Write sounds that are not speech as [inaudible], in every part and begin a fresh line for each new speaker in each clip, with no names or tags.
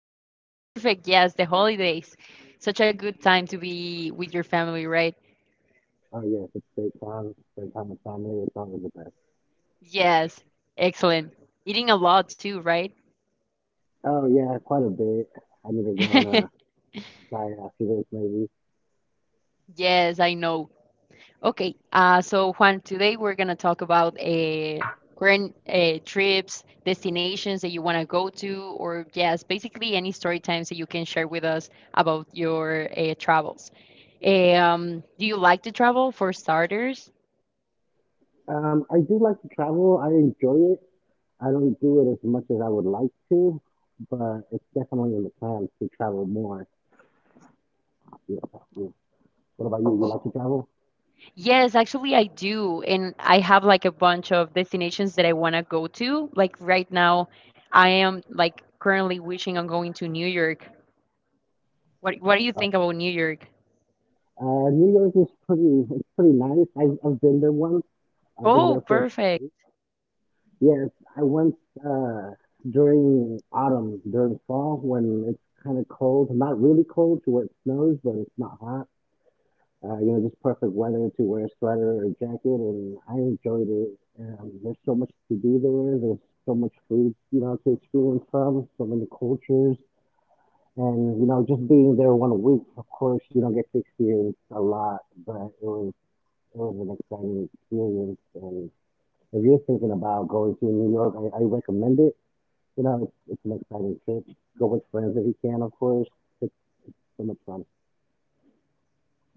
[laughs] Perfect. Yes, the holidays. Such a good time to be with your family, right?
oh yes, it's great time. Spend time with family. It's always the best.
Yes. Excellent. Eating a lot too, right?
Oh yeah, quite a bit. I need to go on a
[laughs]
diet after this, maybe.
Yes, I know. Okay, so Juan, today we're gonna talk about current trips, destinations that you wanna go to, or yes, basically any story times that you can share with us about your travels. Do you like to travel for starters?
I do like to travel. I enjoy it. I don't do it as much as I would like to, but it's definitely in the plans to travel more. Yeah, yeah. What about you? You like to travel?
Yes, actually I do, and I have like a bunch of destinations that I wanna go to. Like right now, I am like currently wishing on going to New York. What do you think about New York?
New York is pretty. It's pretty nice. I've been there once. I was
Oh,
there for
perfect.
yes, I went uh, during autumn, during fall when it's kind of cold. Not really cold to where it snows, but it's not hot. You know, just perfect weather to wear a sweater or jacket, and I enjoyed it. There's so much to do there. There's so much food, you know, to experience from, so many cultures. And, you know, just being there 1 week, of course, you don't get to experience a lot, but it was an exciting experience. And if you're thinking about going to New York, I recommend it. It's an exciting trip. Go with friends if you can, of course. It's so much fun.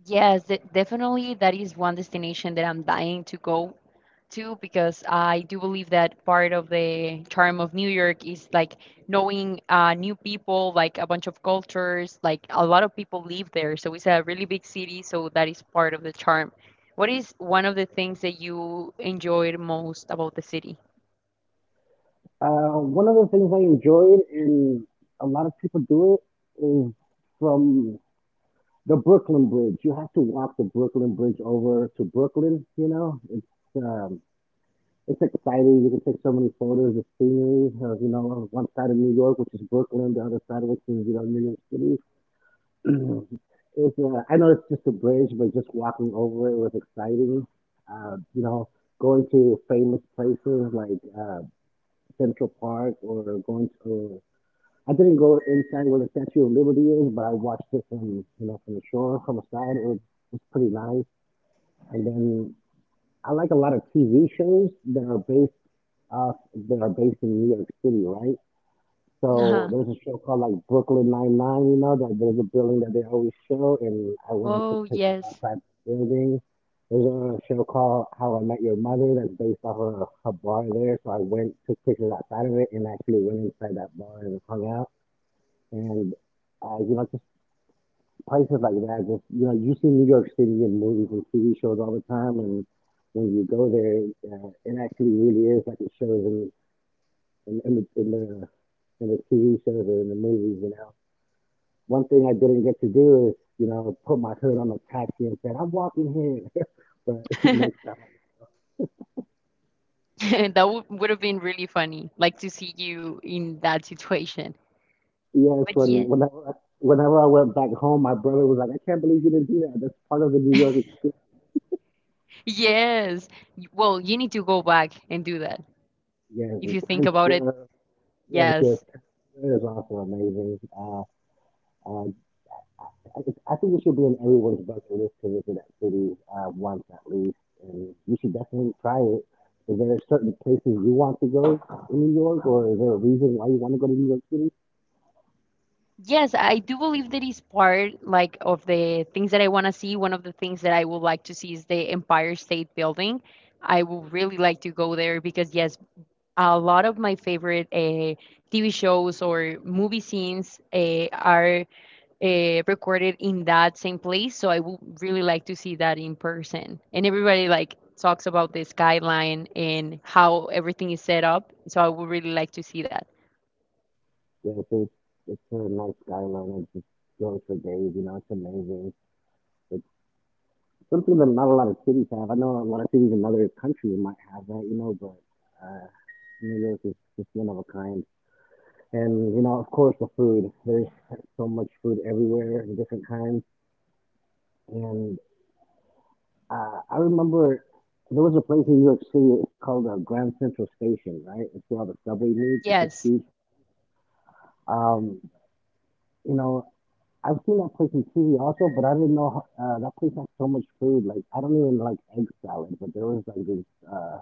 Yes, definitely. That is one destination that I'm dying to go to because I do believe that part of the charm of New York is like knowing new people, like a bunch of cultures, like a lot of people live there. So it's a really big city, so that is part of the charm. What is one of the things that you enjoyed most about the city?
One of the things I enjoyed, and a lot of people do it, is from the Brooklyn Bridge. You have to walk the Brooklyn Bridge over to Brooklyn. You know, um, it's exciting. You can take so many photos of scenery. Of, you know, on one side of New York, which is Brooklyn, the other side, of which is, you know, New York City. Mhm. I know it's just a bridge, but just walking over it was exciting. You know, going to famous places like Central Park or going to. I didn't go inside where the Statue of Liberty is, but I watched it from, you know, from the shore, from the side. It was pretty nice. And then I like a lot of TV shows that are based off that are based in New York City, right? So
Uh-huh.
there's a show called like Brooklyn Nine Nine, you know, that there's a building that they always show and I went and took
Oh,
pictures
yes.
outside the building. There's a show called How I Met Your Mother that's based off of a bar there. So I went, took pictures outside of it and actually went inside that bar and hung out. And You know, just places like that, just, you know, you see New York City in movies and TV shows all the time and when you go there, it actually really is like it shows in in, in the in the in the TV shows or in the movies. You know, one thing I didn't get to do is, you know, put my hood on a taxi and said, I'm walking here. [laughs] But [laughs] next
[laughs]
time.
That would have been really funny, like to see you in that situation.
Yes,
But
when whenever Whenever I went back home, my brother was like, I can't believe you didn't do that. That's part of the New York experience.
yes. Well, you need to go back and do that.
Yes,
If
and
you think
Times
about it,
Square. Yes, yes,
yes.
Times Square is also amazing. Uh, I, I think it should be on everyone's bucket list to visit that city once at least, and you should definitely try it. Is there certain places you want to go in New York, or is there a reason why you want to go to New York City?
Yes, I do believe that is part like of the things that I want to see. One of the things that I would like to see is the Empire State Building. I would really like to go there because yes, a lot of my favorite TV shows or movie scenes are recorded in that same place. So I would really like to see that in person. And everybody like talks about this guideline and how everything is set up. So I would really like to see that.
Yeah, it's a nice skyline. It just goes for days. You know, it's amazing. It's something that not a lot of cities have. I know a lot of cities in other countries might have that, you know, but uh, New York is just one of a kind. And you know, of course, the food. There's so much food everywhere, and different kinds. And I remember there was a place in New York City. It's called Grand Central Station, right? It's where all the subway leads. It's just
Yes.
huge. Um, you know, I've seen that place in TV also, but I didn't know how that place had so much food. Like I don't even like egg salad, but there was like uh,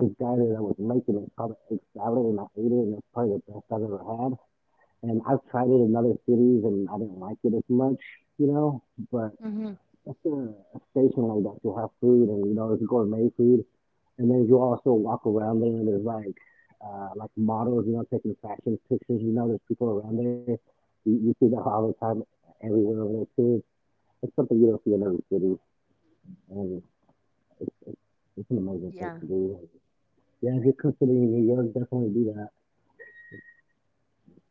this guy there that was making it called egg salad, and I ate it, and it was probably the best I've ever had. And I've tried it in other cities, and I didn't like it as much, you know. But
hmm
after a station like that, you have food and you know there's gourmet food, and then you also walk around there and there's like models, you know, taking fashion pictures. You know, there's people around there. You see that all the time, everywhere over there too. It's something you don't see in every city, and it's, it's, it's an amazing place
Yeah.
to be. Yeah, if you're considering New York, definitely do that.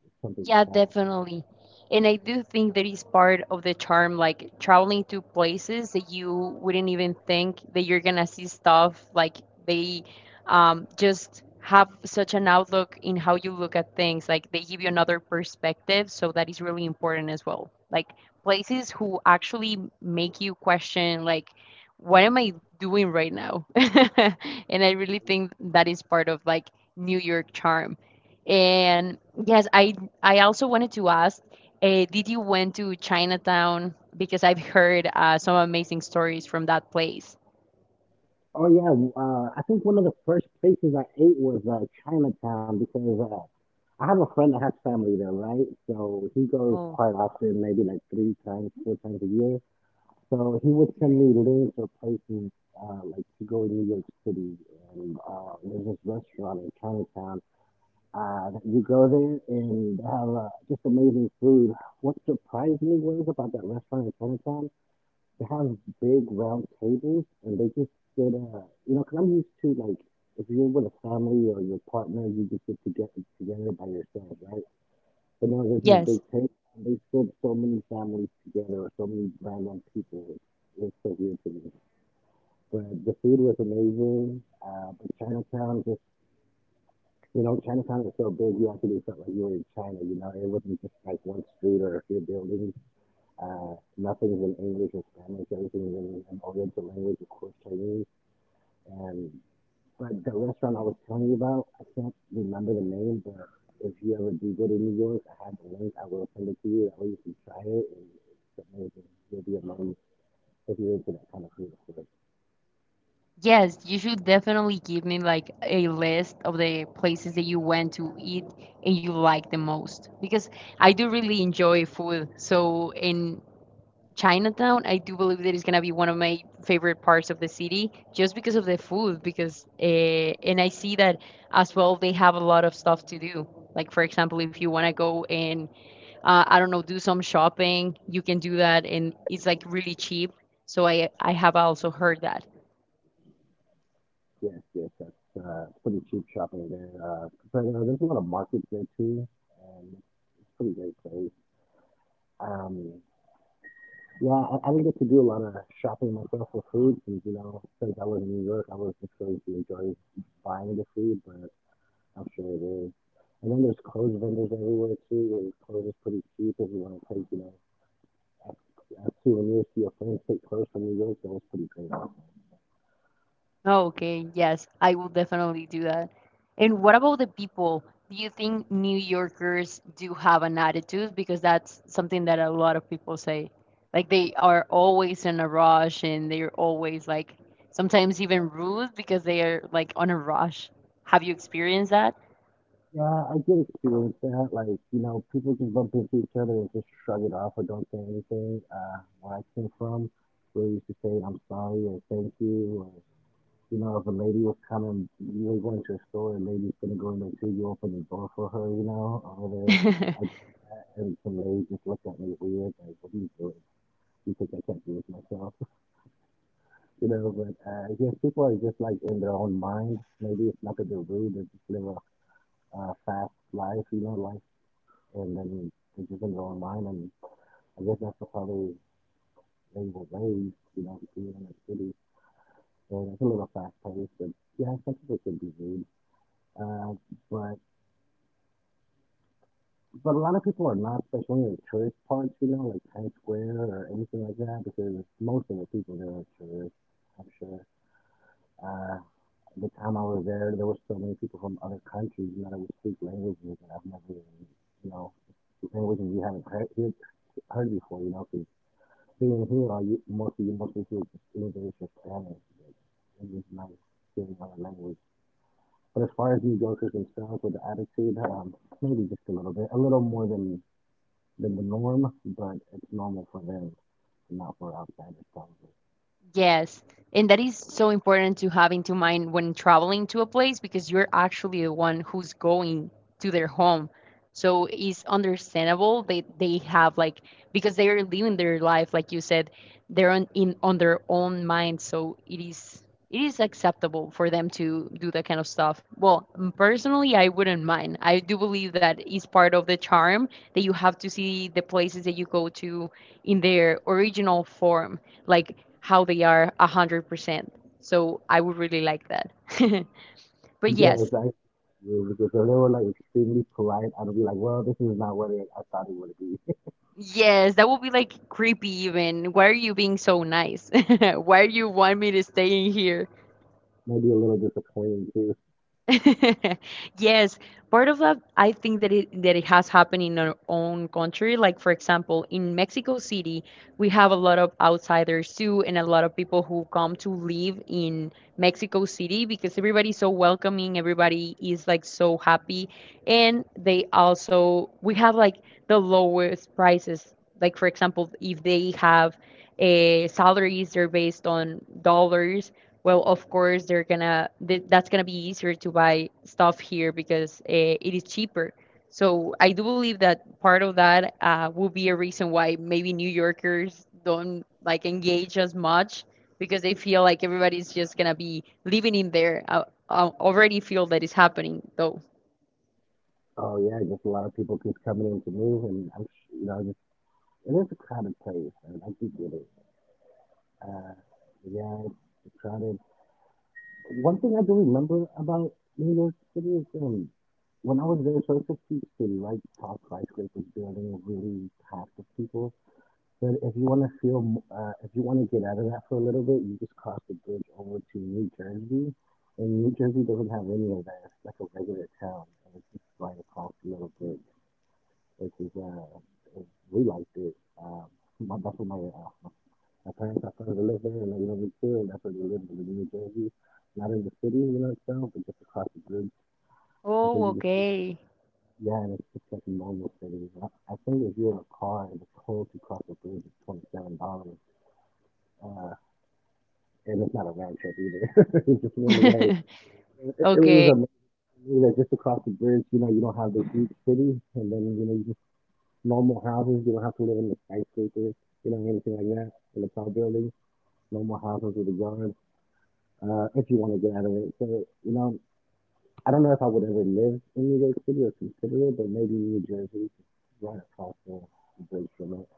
It's something to
Yeah,
try.
definitely. And I do think that is part of the charm, like traveling to places that you wouldn't even think that you're gonna see stuff. Like they just have such an outlook in how you look at things. Like they give you another perspective, so that is really important as well. Like places who actually make you question, like, what am I doing right now? [laughs] And I really think that is part of like New York charm. And yes, I also wanted to ask, did you went to Chinatown? Because I've heard some amazing stories from that place.
Oh yeah, I think one of the first places I ate was Chinatown because I have a friend that has family there, right? So he goes
Oh,
quite often, maybe like three times, four times a year. So he would send me links or places like to go in New York City, and there's this restaurant in Chinatown. That you go there and they have just amazing food. What surprised me was about that restaurant in Chinatown. They have big round tables, and they just sit. You know, because 'cause I'm used to like if you're with a family or your partner, you just sit together together by yourself, right? But no, this is big
yes.
table. And they sit so many families together or so many random people. It's so weird to me. But the food was amazing. But Chinatown just, you know, Chinatown is so big. You actually felt like you were in China. You know, it wasn't just like one street or a few buildings. Nothing's in English or Spanish. Everything's in an Oriental language, of course, Chinese. And but the restaurant I was telling you about, I can't remember the name, but if you ever do go to New York, I have the link. I will send it to you. That way you can try it, and it's amazing. You'll be amazed if you're into that kind of food, of course.
Yes, you should definitely give me like a list of the places that you went to eat and you like the most because I do really enjoy food. So, and Chinatown, I do believe that is gonna be one of my favorite parts of the city, just because of the food. Because and I see that as well. They have a lot of stuff to do. Like for example, if you wanna go and I don't know, do some shopping, you can do that, and it's like really cheap. So I have also heard that.
Yes, yes, that's it's pretty cheap shopping there. But there's a lot of markets there too, and it's a pretty great place. Um, Yeah, I didn't get to do a lot of shopping myself for food since, you know, since I was in New York, I was not exposed to enjoy buying the food, but I'm sure it is. And then there's clothes vendors everywhere too, where clothes is pretty cheap if you want to take, you know, as as souvenirs to your friends, take clothes from New York, that was pretty great also.
Okay, yes, I will definitely do that. And what about the people? Do you think New Yorkers do have an attitude? Because that's something that a lot of people say. Like they are always in a rush and they're always like sometimes even rude because they are like on a rush. Have you experienced that?
Yeah, I did experience that. Like, you know, people just bump into each other and just shrug it off or don't say anything. Where I came from, we used to say, I'm sorry or thank you. You know, if a lady was coming, you were going to a store, a lady's gonna go in there too, you open the door for her, you know, or whatever. I
[laughs]
did that, and some lady just looked at me weird, like, what are you doing? You think I can't do this myself? [laughs] You know, but I guess people are just like in their own mind. Maybe it's not that they're rude, they just live a fast life, you know, life, and then they're just in their own mind. And I guess that's how they were raised, you know, being in the city. And it's a little fast paced, but yeah, some people can be rude. Uh, but But a lot of people are not, especially in the tourist parts, you know, like Times Square or anything like that, because most of the people there are tourists, I'm sure. Uh, the time I was there, there were so many people from other countries, you know, that would speak languages that I've never even, you know, languages you haven't heard before, you know, because being here, all you, most you mostly hear just English or Spanish, but it was nice hearing other language. But as far as New Yorkers themselves with the attitude, maybe just a little bit, a little more than the norm, but it's normal for them, not for outsiders probably.
Yes. And that is so important to have into mind when traveling to a place because you're actually the one who's going to their home. So it's understandable they have like because they are living their life like you said, they're on in on their own mind. So it is acceptable for them to do that kind of stuff. Well, personally, I wouldn't mind. I do believe that is part of the charm that you have to see the places that you go to in their original form like how they are 100%. So I would really like that. [laughs] But
Yes,
yes,
I agree because you. So they were like extremely polite. I'd be like, well, this is not what I thought it would be. [laughs]
yes, that would be like creepy even. Why are you being so nice? [laughs] Why do you want me to stay in here?
Maybe a little disappointing too.
[laughs] Yes, part of that, I think that it has happened in our own country. Like for example, in Mexico City, we have a lot of outsiders too, and a lot of people who come to live in Mexico City because everybody's so welcoming, everybody is like so happy, and they also we have like the lowest prices. Like for example, if they have a salaries, they're based on dollars, well of course they're gonna that's gonna be easier to buy stuff here because it is cheaper, so I do believe that part of that will be a reason why maybe New Yorkers don't like engage as much because they feel like everybody's just gonna be living in there, I already feel that is happening though.
Oh yeah, just a lot of people keep coming in to move, and I'm, sh- you know, just, it is a crowded place, and I do get it. Uh, yeah, it's crowded. One thing I do remember about New York City is when I was there, so it's a huge city, right? Tall skyscrapers, building really packed with people. But if you want to if you want to get out of that for a little bit, you just cross the bridge over to New Jersey. And New Jersey doesn't have any of that. It's like a regular town. And it's just right across the little bridge, which we liked it. That's where my parents are from. They live there and they live in too. And that's where they live in New Jersey. Not in the city, you know, itself, but just across the bridge. And so
Oh,
you
okay.
yeah, and it's just like a normal city. I think if you're in a car and it's cold to cross the bridge, it's $27. Uh. And it's not a round trip either. [laughs] It's just one way.
[laughs]
It was
Okay.
amazing that just across the bridge, you know, you don't have this huge city, and then you know, you just normal houses. You don't have to live in the skyscrapers, you know, anything like that, in the tall buildings. Normal houses with a yard, if you want to get out of it. So, you know, I don't know if I would ever live in New York City or consider it, but maybe New Jersey, right across the bridge from it.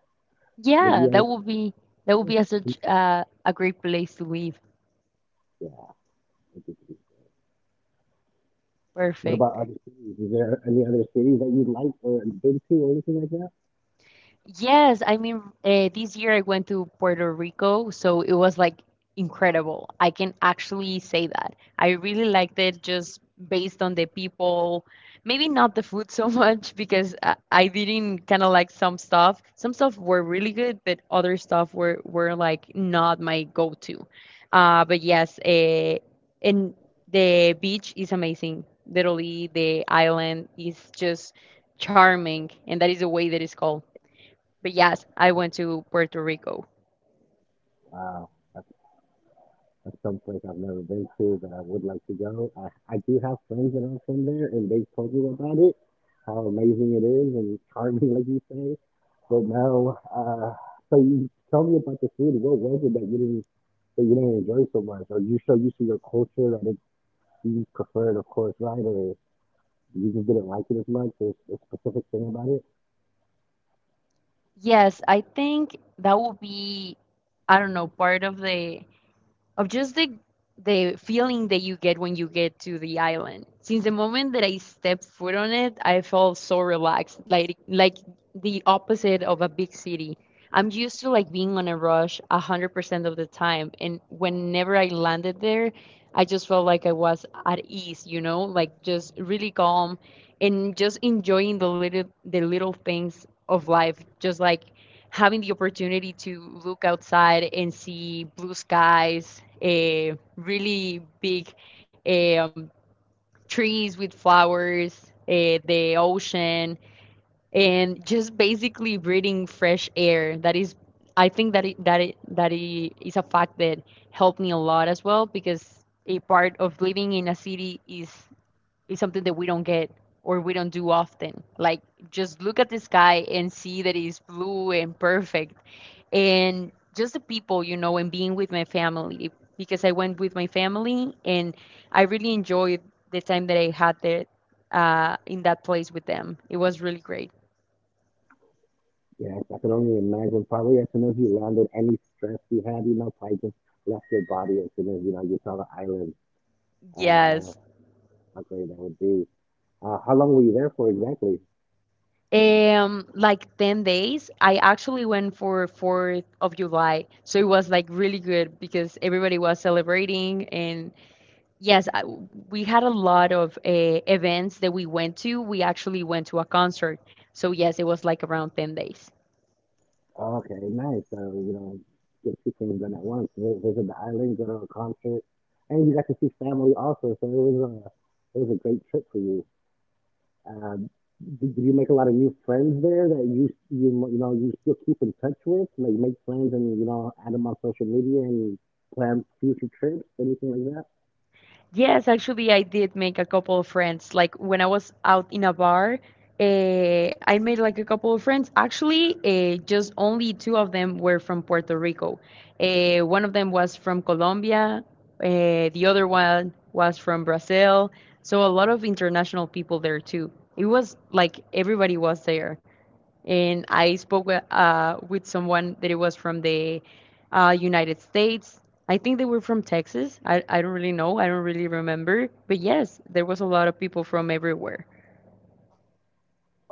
Would
Yeah,
you ever?
that would be a such a great place to live.
Yeah, I think it'd be. What about
Perfect.
other cities? Is there any other cities that you'd like or been to or anything like that?
Yes, I mean, this year I went to Puerto Rico, so it was like incredible. I can actually say that. I really liked it just based on the people, maybe not the food so [laughs] much because I didn't kind of like some stuff. Some stuff were really good, but other stuff were like not my go-to. Uh, but yes, uh, and the beach is amazing. Literally, the island is just charming, and that is the way that it's called. But yes, I went to Puerto Rico.
Wow, that's some place I've never been to that I would like to go. I do have friends that are from there, and they told me about it, how amazing it is and charming, like you say. But now, so you tell me about the food. What was it didn't that you didn't enjoy so much? Are you so used to your culture that it, you just prefer it, of course, right? Or you just didn't like it as much? There's a specific thing about it.
Yes, I think that will be, I don't know, part of the of just the feeling that you get when you get to the island. Since the moment that I stepped foot on it, I felt so relaxed, like the opposite of a big city. I'm used to like being on a rush 100% of the time, and whenever I landed there, I just felt like I was at ease, you know, like just really calm and just enjoying the little things of life, just like having the opportunity to look outside and see blue skies, eh, um, trees with flowers, the ocean, and just basically breathing fresh air. That is, I think that it is a fact that helped me a lot as well because a part of living in a city is something that we don't get or we don't do often. Like just look at the sky and see that it's blue and perfect and just the people, you know, and being with my family because I went with my family and I really enjoyed the time that I had there in that place with them. It was really great.
Yes, I can only imagine. Probably as soon as you landed, any stress you had, you know, probably just left your body as soon as you know you saw the island. Uh, how,
Yes.
how great that would be. How long were you there for exactly?
Like 10 days. I actually went for 4th of July. So it was like really good because everybody was celebrating. And yes, we had a lot of events that we went to. We actually went to a concert. So yes, it was like around 10 days.
Oh, okay, nice. So you know, get two things done at once: visit the island, go to a concert, and you got to see family also. So it was a great trip for you. Uh, did you make a lot of new friends there that you know you still keep in touch with? Like make friends and you know add them on social media and plan future trips, anything like that?
Yes, actually, I did make a couple of friends. Like when I was out in a bar, I made like a couple of friends. Actually, just only two of them were from Puerto Rico. One of them was from Colombia, the other one was from Brazil. So a lot of international people there too. It was like everybody was there and I spoke with someone that it was from the United States. I think they were from Texas. I don't really know. I don't really remember. But yes, there was a lot of people from everywhere.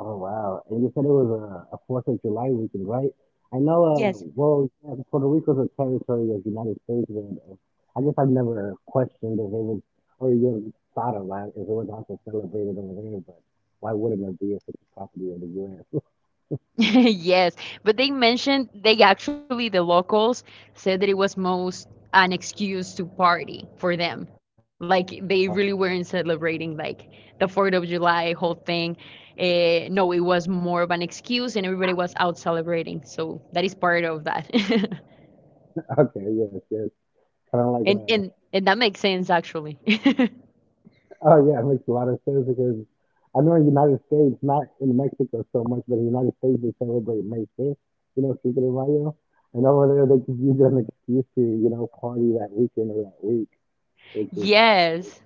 Oh wow! And you said it was a Fourth of July weekend, right? I know. Well, yeah, Puerto Rico's a territory of the United States, and I guess I've never questioned if it was or even thought of that if it was also celebrated over there. But why wouldn't it be if it's a property of the U.S.?
[laughs] Yes, but they mentioned the locals said that it was most an excuse to party for them. Like they really weren't celebrating like the 4th of July whole thing. No, it was more of an excuse and everybody was out celebrating. So that is part of that. [laughs]
[laughs] Okay, yes, yes. Kind of like
And
a.
and and that makes sense actually. [laughs]
Oh yeah, it makes a lot of sense because I know in the United States, not in Mexico so much, but in the United States they celebrate May 5th, you know, Cinco de Mayo, and over there they just use it as an excuse to, you know, party that weekend or that week, which is
Yes.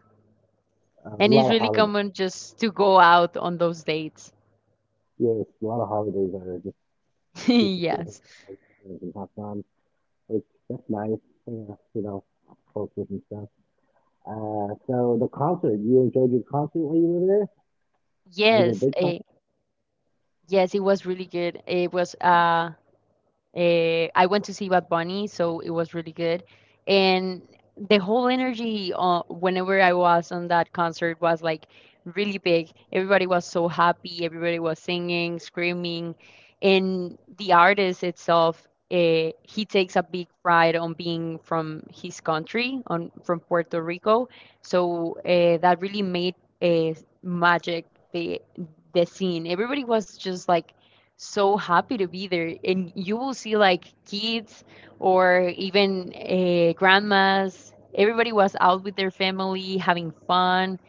a
And it's
lot of
really
holidays.
common just to go out on those dates.
Yes, a lot of holidays are just excuses to hang
[laughs] Yes.
out with friends and have fun, which that's nice, yeah, you know, cultures and stuff. So the concert, you enjoyed your concert when you were there? Was it
Yes,
a big concert?
yes, it was really good. It was I went to see Bad Bunny, so it was really good. And the whole energy whenever I was on that concert was like really big. Everybody was so happy, everybody was singing, screaming, and the artist itself, he takes a big pride on being from his country, on from Puerto Rico. So that really made a magic the the scene. Everybody was just like so happy to be there. And you will see like kids or even grandmas. Everybody was out with their family, having fun,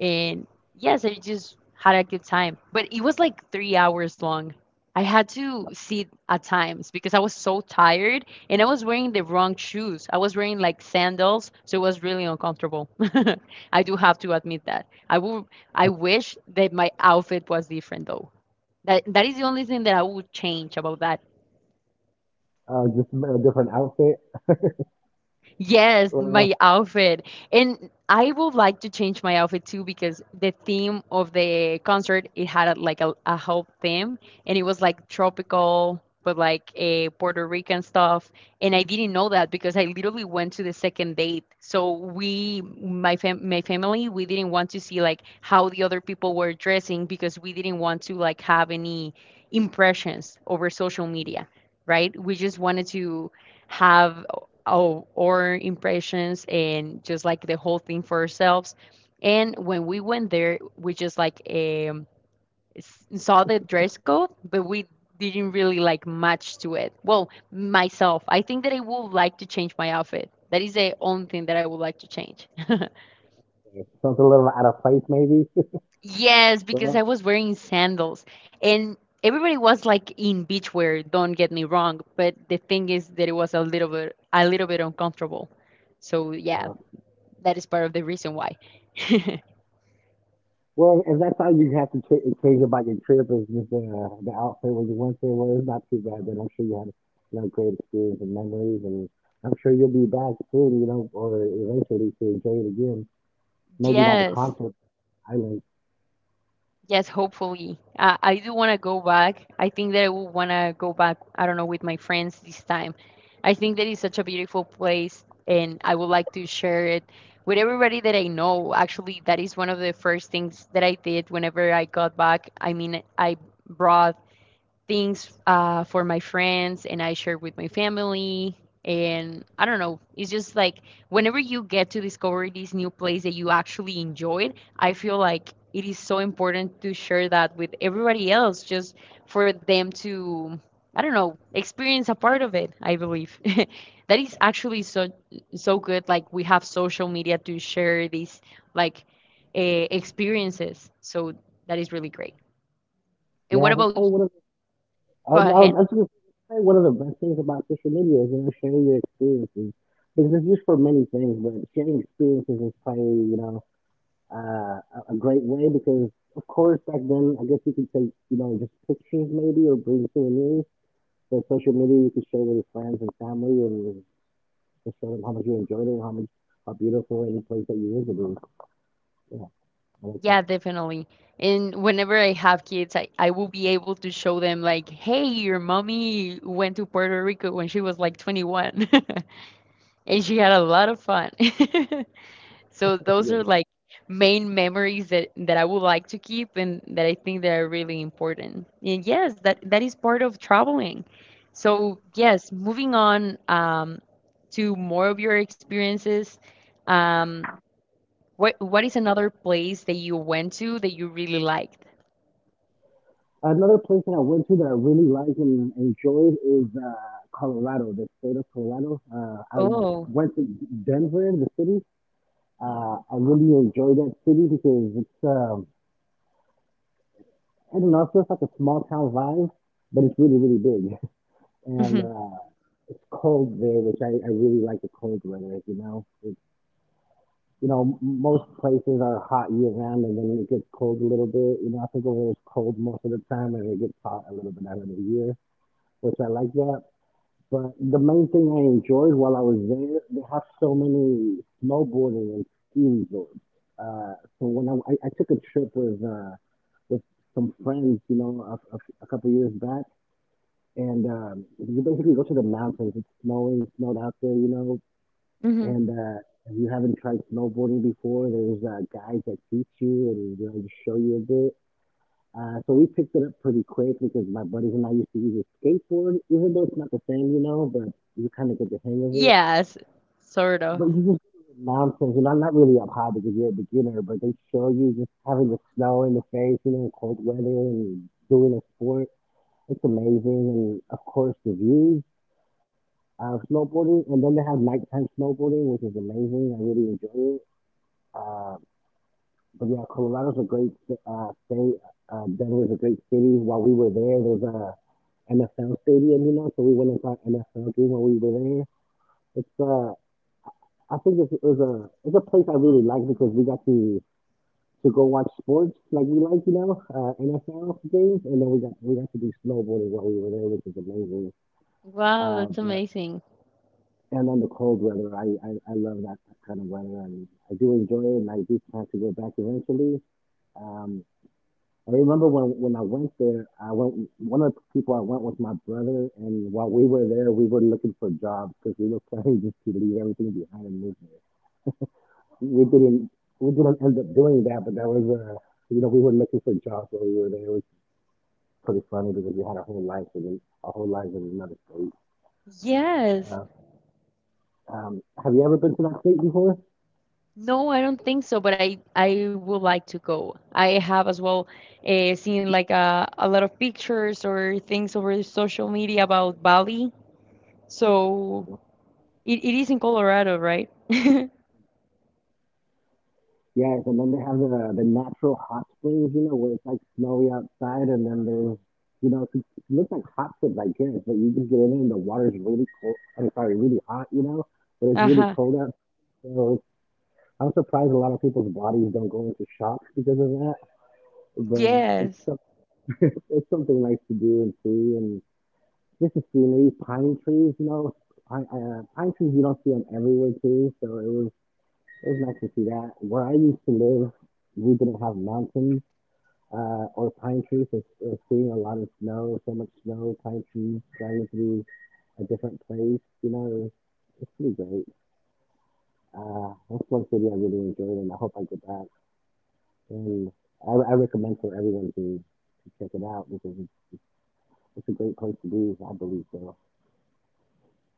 and yes, I just had a good time. But it was like 3 hours long. I had to sit at times because I was so tired and I was wearing the wrong shoes. I was wearing like sandals, so it was really uncomfortable. [laughs] I do have to admit that. I wish that my outfit was different though. That is the only thing that I would change about that.
Just a different outfit? [laughs]
Yes,
Well.
my outfit. And I would like to change my outfit too because the theme of the concert it had like a whole theme, and it was like tropical but like a Puerto Rican stuff, and I didn't know that because I literally went to the second date. So we my fam my family, we didn't want to see like how the other people were dressing because we didn't want to like have any impressions over social media, right? We just wanted to have of our impressions and just like the whole thing for ourselves. And when we went there, we just like saw the dress code, but we didn't really like match to it. Well, myself, I think that I would like to change my outfit. That is the only thing that I would like to change. [laughs]
Something a little out of place, maybe.
Yes,
[laughs]
because I
Well,
was wearing sandals and everybody was like in beachwear, don't get me wrong, but the thing is that it was a little bit uncomfortable. So yeah,
no.
that is part of the reason why. [laughs]
Well, if that's all you have to change about your trip is just the outfit when you went there, well, it's not too bad. Then I'm sure you had you know great experience and memories, and I'm sure you'll be back soon, you know, or eventually to enjoy it again. Maybe not the
Yes,
concert island.
yes, hopefully. I do want to go back. I think that I will want to go back, I don't know, with my friends this time. I think that is such a beautiful place, and I would like to share it with everybody that I know. Actually, that is one of the first things that I did whenever I got back. I mean, I brought things for my friends and I share with my family. And I don't know, it's just like whenever you get to discover this new place that you actually enjoyed, I feel like it is so important to share that with everybody else just for them to, I don't know, experience a part of it, I believe. [laughs] That is actually so so good. Like we have social media to share these like experiences. So that is really great. And what
Yeah, that's
about,
probably one of the.
go
Oh
ahead.
no, that's just probably one of the best things about social media is you know sharing your experiences because it's used for many things, but sharing experiences is probably you know a great way because, of course, back then, I guess you could take, you know, just pictures maybe or bring souvenirs. But social media, you could share with your friends and family and just show them how much you enjoyed it, how much, how beautiful any place that you visited. Yeah, I like that.
Yeah, definitely. And whenever I have kids, I will be able to show them like, hey, your mommy went to Puerto Rico when she was like 21 [laughs] and she had a lot of fun. [laughs] So
[laughs]
those are
Yeah.
like main memories that I would like to keep and that I think that are really important. And yes, that is part of traveling. So yes, moving on to more of your experiences. um. What is another place that you went to that you really liked?
Another place that I went to that I really liked and enjoyed is Colorado, the state of Colorado. I
Oh,
went to Denver, the city. I really enjoyed that city because I don't know, it feels like a small town vibe, but it's really, really big. [laughs] And
hmm.
it's cold there, which I really like the cold weather, you know. It's, you know, most places are hot year round and then it gets cold a little bit. You know, I think over there it's cold most of the time and it gets hot a little bit out of the year, which I like that. But the main thing I enjoyed while I was there, they have so many snowboarding and ski resorts. Uh, so I took a trip with with some friends, you know, a couple years back, and you basically go to the mountains. Snowed out there, you know,
Hmm.
and if you haven't tried snowboarding before, there's guides that teach you and you know, just show you a bit. So we picked it up pretty quick because my buddies and I used to use a skateboard, even though it's not the same, you know, but you kind of get the hang of it.
Yes, sort of.
But you just go to the mountains, you know, not really up high because you're a beginner, but they show you just having the snow in the face, you know, cold weather and doing a sport. It's amazing. And of course, the views of snowboarding. And then they have nighttime snowboarding, which is amazing. I really enjoy it. Uh, But yeah, Colorado's a great state. Denver's a great city. While we were there, there's was a NFL stadium, you know, so we went and saw an NFL game while we were there. It's I think it's a place I really liked because we got to go watch sports like we like, you know, NFL games, and then we got to do snowboarding while we were there, which is amazing.
Wow, that's
But
amazing.
and then the cold weather, I love that kind of weather, and I do enjoy it, and I do plan to go back eventually. Um, I remember when I went there, I went. One of the people I went with my brother, and while we were there, we were looking for jobs because we were [laughs] planning just to leave everything behind and move there. We didn't we didn't end up doing that, but that was you know we were looking for jobs while we were there. It was pretty funny because we had our whole life in our whole lives in another state.
Yes.
Uh, have you ever been to that state before?
No, I don't think so, but I would like to go. I have as well seen like a lot of pictures or things over social media about Bali. So it is in Colorado, right? [laughs]
Yes, and then they have the natural hot springs, you know, where it's like snowy outside, and then there's, you know, it looks like hot tubs, I guess, but you just get in there and the water's really cold. I'm sorry, really hot, you know, but it's really
Uh-huh.
cold out. So I'm surprised a lot of people's bodies don't go into shock because of that. But it's
Yes.
some, [laughs] it's something nice to do and see, and just the scenery, pine trees, you know, pine trees you don't see them everywhere too. So it was nice to see that. Where I used to live we didn't have mountains, or pine trees. It's seeing a lot of snow, so much snow, pine trees driving through a different place. You know, it's pretty great. That's one city I really enjoyed, and I hope I go back. And I recommend for everyone to check it out because it's a great place to be. I believe so.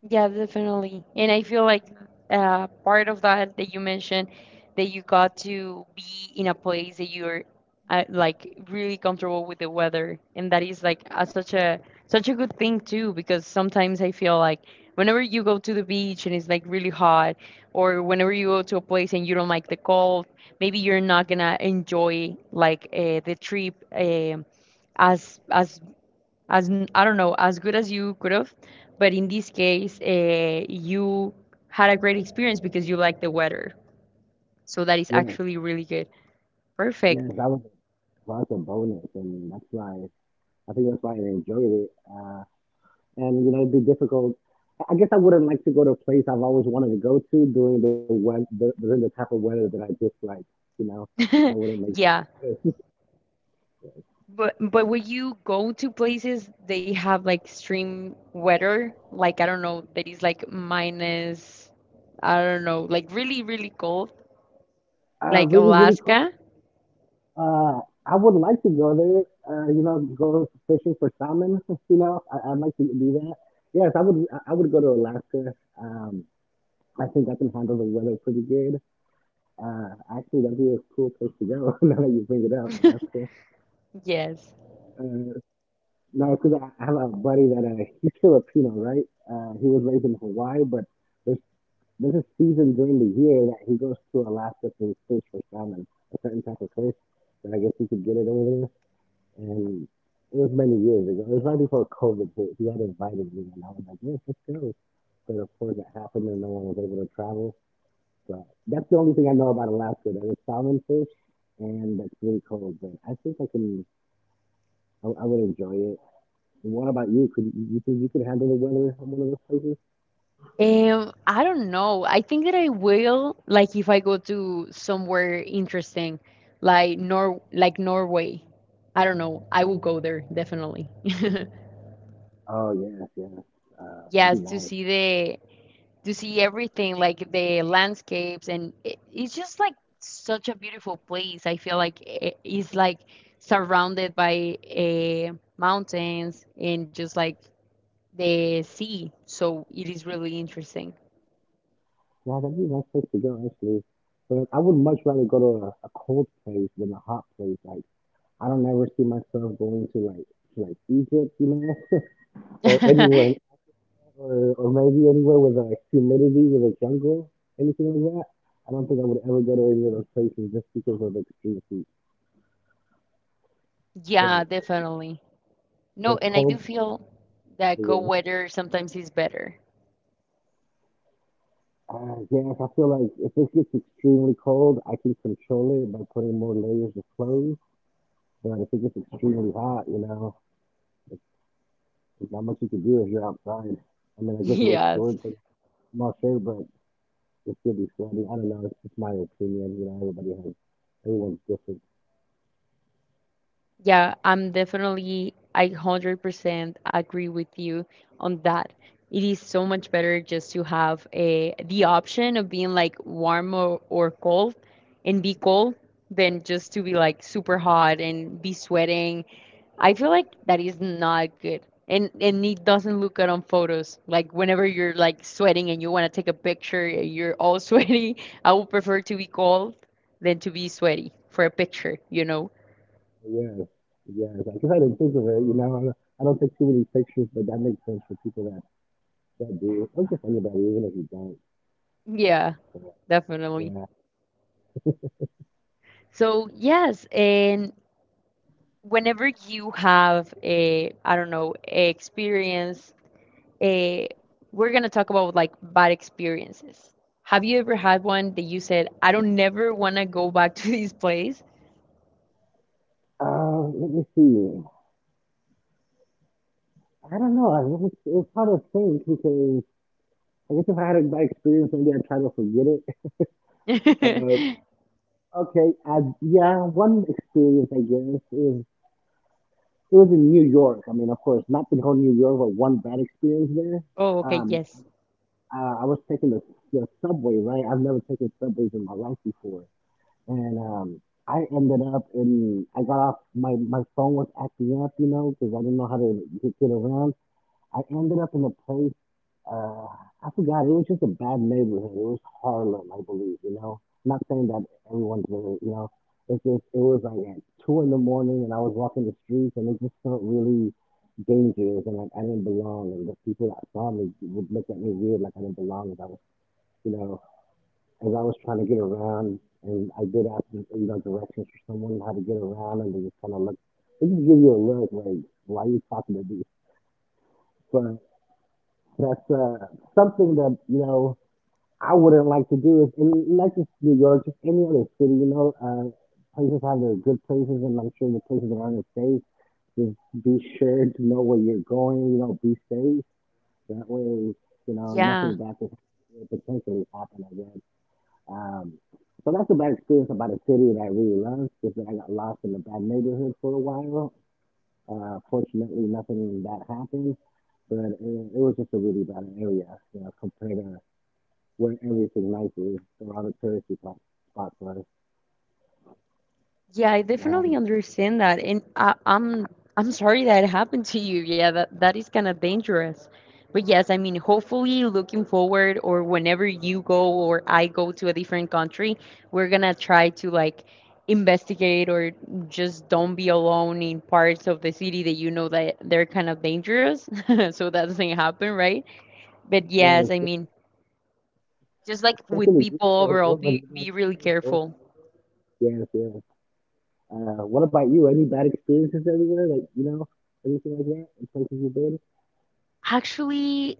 Yeah, definitely. And I feel like part of that you mentioned that you got to be in a place that you're like really comfortable with the weather, and that is like such a such a good thing too, because sometimes I feel like whenever you go to the beach and it's like really hot, or whenever you go to a place and you don't like the cold, maybe you're not gonna enjoy like the trip. As as as I don't know, as good as you could have. But in this case, you had a great experience because you like the weather. So that is
Yes,
actually really good. Perfect.
yes, that was a bonus, and that's why I think that's why I enjoyed it. And you know it'd be difficult. I guess I wouldn't like to go to a place I've always wanted to go to during the weather, during the type of weather that I dislike. You know, that
[laughs]
wouldn't make
Yeah.
sense.
But when you go to places they have like extreme weather, like I don't know, that is like minus, I don't know, like really, really cold, like
Really, really cool.
Alaska.
Uh, I would like to go there. You know, go fishing for salmon. [laughs] You know, I'd like to do that. Yes, I would. I would go to Alaska. Um, I think I can handle the weather pretty good. Actually, that'd be a cool place to go. [laughs] Now that you bring it up, Alaska.
Yes.
Uh, No because I have a buddy that he's Filipino, right? He was raised in Hawaii, but there's there's a season during the year that he goes to Alaska to fish for salmon, a certain type of fish that I guess he could get it over there. And it was many years ago. It was right before COVID hit. He had invited me, and I was like, "Yes, let's go." But of course, it happened, and no one was able to travel. But that's the only thing I know about Alaska. That is salmon fish, and that's really cold. But I think I would enjoy it. And what about you? Could you think you could handle the weather in one of those places?
I don't know. I think that I will like if I go to somewhere interesting, like Norway. I don't know. I will go there definitely. [laughs]
Oh yes, yes.
Yes,
That'd be
to
nice.
see the to see everything like the landscapes, and it's just like such a beautiful place. I feel like it's like surrounded by mountains and just like the sea. So it is really interesting. [laughs]
Yeah, that'd be a nice place to go actually. But I would much rather go to a cold place than a hot place. Like I don't ever see myself going to like Egypt, you know, [laughs] or anywhere, in- or or maybe anywhere with like humidity, with a jungle, anything like that. I don't think I would ever go to any of those places just because of extreme heat. But
Yeah, definitely. No,
but
and I do
cold,
feel that cold
yeah.
weather sometimes is better. [laughs]
Yes, I feel like if it gets extremely cold, I can control it by putting more layers of clothes. But if it gets extremely hot, you know, it's, it's not much you can do if you're outside. I mean, I guess wear
Yes.
shorts and small shirt, but it still be sweaty. I don't know. It's just my opinion. You know, everyone's different.
Yeah, I'm definitely, I 100% agree with you on that. It is so much better just to have a the option of being like warm or cold and be cold than just to be like super hot and be sweating. I feel like that is not good. And it doesn't look good on photos. Like whenever you're like sweating and you want to take a picture, and you're all [laughs] sweaty. I would prefer to be cold than to be sweaty for a picture, you know?
Yes, yes. I guess I didn't think of it. You know, I don't take too many pictures, but that makes sense for people that do. Or just anybody, even if you don't.
Yeah,
But,
definitely.
yeah.
So yes, and whenever you have a, I don't know, a experience, a, we're gonna talk about like bad experiences. Have you ever had one that you said, I don't never wanna go back to this place?
Let me see. I don't know. I mean, it's hard to think because I guess if I had a bad experience, maybe I'd try to forget it. [laughs] Uh,
[laughs]
yeah, one experience I guess is it was in New York. I mean, of course, not the whole New York, but one bad experience there.
Oh, okay,
Um,
yes.
I was taking the subway, right? I've never taken subways in my life before, and I ended up in I got off my my phone was acting up, you know, because I didn't know how to get around. I ended up in a place, uh, I forgot, it was just a bad neighborhood. It was Harlem, I believe, you know? I'm not saying that everyone's there, you know? It's just, it was like at two in the morning and I was walking the streets and it just felt really dangerous and like I didn't belong and the people that saw me would look at me weird like I didn't belong as I was, you know, as I was trying to get around and I did ask, you know, directions for someone how to get around and they just kind of looked, they just give you a look like, why are you talking to me? But. That's something that I wouldn't like to do. Is and not just New York, just any other city. You know, places have their good places, and I'm sure the places that aren't as safe. Just be sure to know where you're going. You know, be safe. That way, you know nothing
Yeah.
bad could potentially happen again. Um, so that's a bad experience about a city that I really loved, is that I got lost in a bad neighborhood for a while, fortunately, nothing that happened, but it was just a really bad area, you know, compared to where everything nice is around the touristy spots was.
Yeah, I definitely
Um,
understand that. And I'm sorry that happened to you. Yeah, that is kind of dangerous. But yes, I mean, hopefully looking forward or whenever you go or I go to a different country, we're gonna try to like investigate or just don't be alone in parts of the city that you know that they're kind of dangerous. [laughs] So that doesn't happen, right? But yes,
yes,
I mean, just like with
especially you
people
for a
overall,
woman, you know,
be
be
really
careful.
careful.
Yes, yes. What about you? Any bad experiences everywhere? Like, you know, anything like that? In places you've been?
Actually,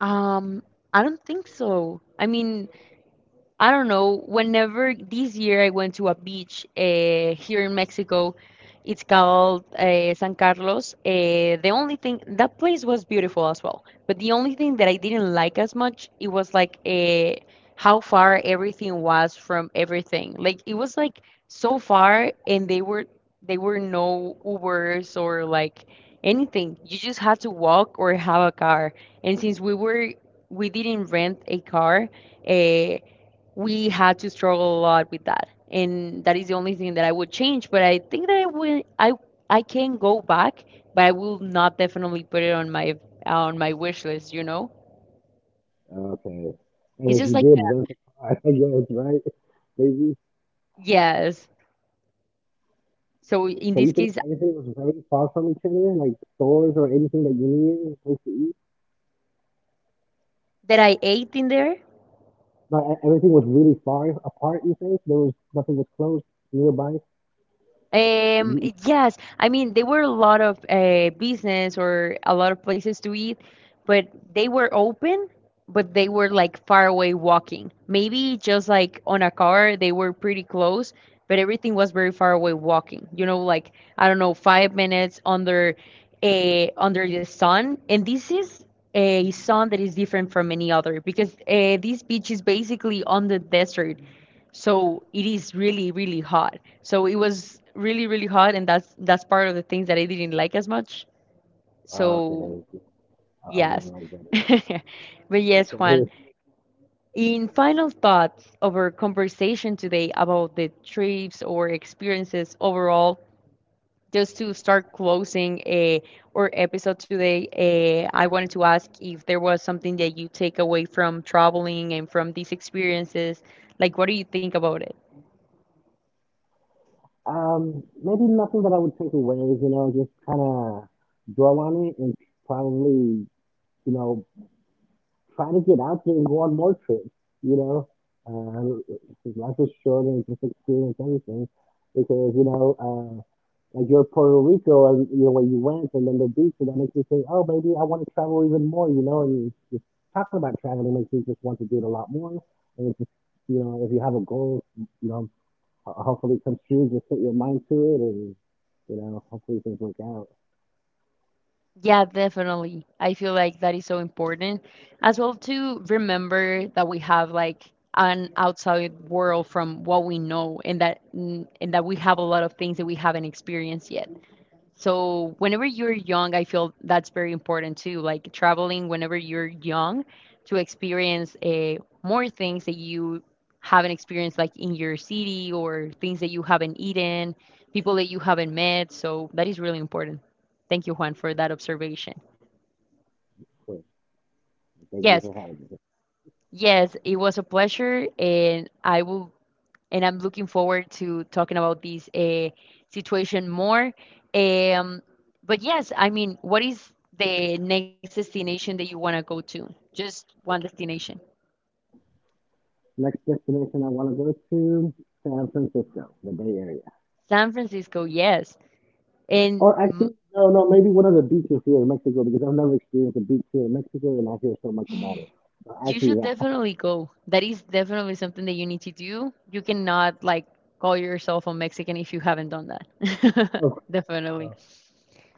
Um, I don't think so. I mean, I don't know, whenever this year I went to a beach here in Mexico, it's called San Carlos. The only thing, that place was beautiful as well, but the only thing that I didn't like as much, it was like how far everything was from everything. Like it was like so far, and they were no Ubers or like anything. You just had to walk or have a car. And since we didn't rent a car, uh, we had to struggle a lot with that, and that is the only thing that I would change, but I think that I will I can go back, but I will not definitely put it on my wish list, you know?
Okay.
It's
And if you
just like
did rent a car, [laughs] I guess, right? Maybe.
yes, so in
So
this
you think
case
everything was very far from each other? Like stores or anything that you needed, a place to eat?
that I ate in there.
But everything was really far apart. You think there was nothing was close nearby.
Um,
You-
yes, I mean there were a lot of business or a lot of places to eat, but they were open, but they were like far away walking. Maybe just like on a car, they were pretty close, but everything was very far away walking. You know, like I don't know, 5 minutes under a under the sun, and this is a sun that is different from any other because this beach is basically on the desert, so it is really really hot, so it was really really hot, and that's part of the things that I didn't like as much.
Okay,
So
I'm
yes.
gonna like
[laughs]
that.
But yes, Juan,
Okay.
in final thoughts of our conversation today about the trips or experiences overall, just to start closing our episode today, I wanted to ask if there was something that you take away from traveling and from these experiences, like what do you think about it?
Maybe nothing that I would take away. You know, just kind of dwell on it and probably you know try to get out there and go on more trips, you know. Uh, life is short and just experience everything because, you know, like you're Puerto Rico and you know when you went and then the beach and that makes me think, oh, maybe I want to travel even more, you know. And just talking about traveling makes me just want to do it a lot more. And you know, if you have a goal, you know, hopefully it comes true. Just put your mind to it, and you know, hopefully things work out.
Yeah, definitely. I feel like that is so important as well to remember that we have like an outside world from what we know, and that we have a lot of things that we haven't experienced yet. So whenever you're young, I feel that's very important too. Like traveling whenever you're young to experience more things that you haven't experienced, like in your city or things that you haven't eaten, people that you haven't met. So that is really important. Thank you, Juan, for that observation.
So thank you
Yes,
for having me.
yes, it was a pleasure, and I will and I'm looking forward to talking about this situation more. Um, but yes, I mean, what is the next destination that you want to go to? Just one destination.
Next destination I want to go to, San Francisco, the Bay Area.
San Francisco, yes. And
Or actually, no, no, maybe one of the beaches here in Mexico because I've never experienced a beach here in Mexico and I hear so much about it. So
you
actually
should
that. [laughs]
definitely go. That is definitely something that you need to do. You cannot like call yourself a Mexican if you haven't done that.
Oh,
[laughs] Definitely.
uh,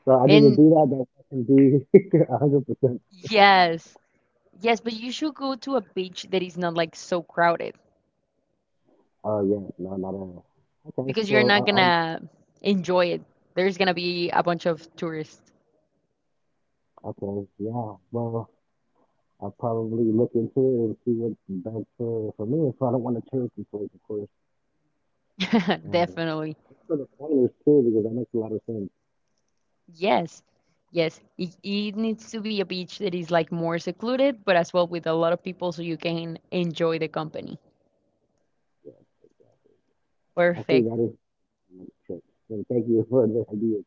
So I need to do
And
that. That can be [laughs] 100%.
yes, yes, but you should go to a beach that is not like so crowded,
Oh yeah, no, not at all. Okay,
because you're
well,
not
I- I'll.
gonna enjoy it. There's gonna be a bunch of tourists.
Okay, yeah. Well, I'll probably look into it and see what's best for me. So I don't want to change the place, of course.
[laughs]
Uh,
Definitely.
for the planners too, because that makes a lot of sense.
Yes. Yes. It needs to be a beach that is like more secluded, but as well with a lot of people so you can enjoy the company.
I think
Perfect.
that is Sure. Well, thank you [laughs] for the idea.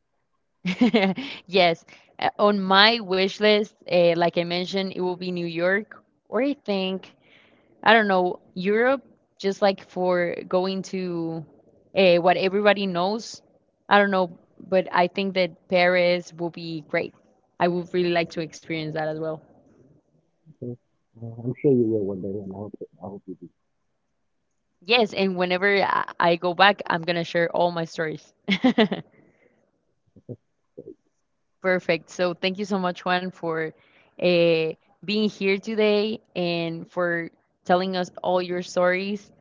[laughs] Yes. On my wish list, like I mentioned, it will be New York or I think I don't know, Europe, just like for going to what everybody knows. I don't know, but I think that Paris will be great. I would really like to experience that as well.
So, I'm sure you will one day, and I hope you do.
Yes, and whenever I go back, I'm gonna share all my stories. [laughs] Perfect. So thank you so much, Juan, for uh, being here today and for telling us all your stories.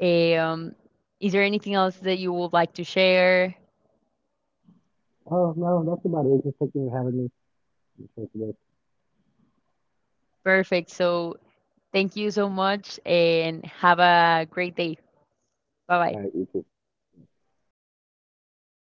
Eh, is there anything else that you would like to share?
Oh no, that's about it. It's just thank you for having me. Thank you.
Perfect. So thank you so much and have a great day. Bye
All
bye.
right, you too.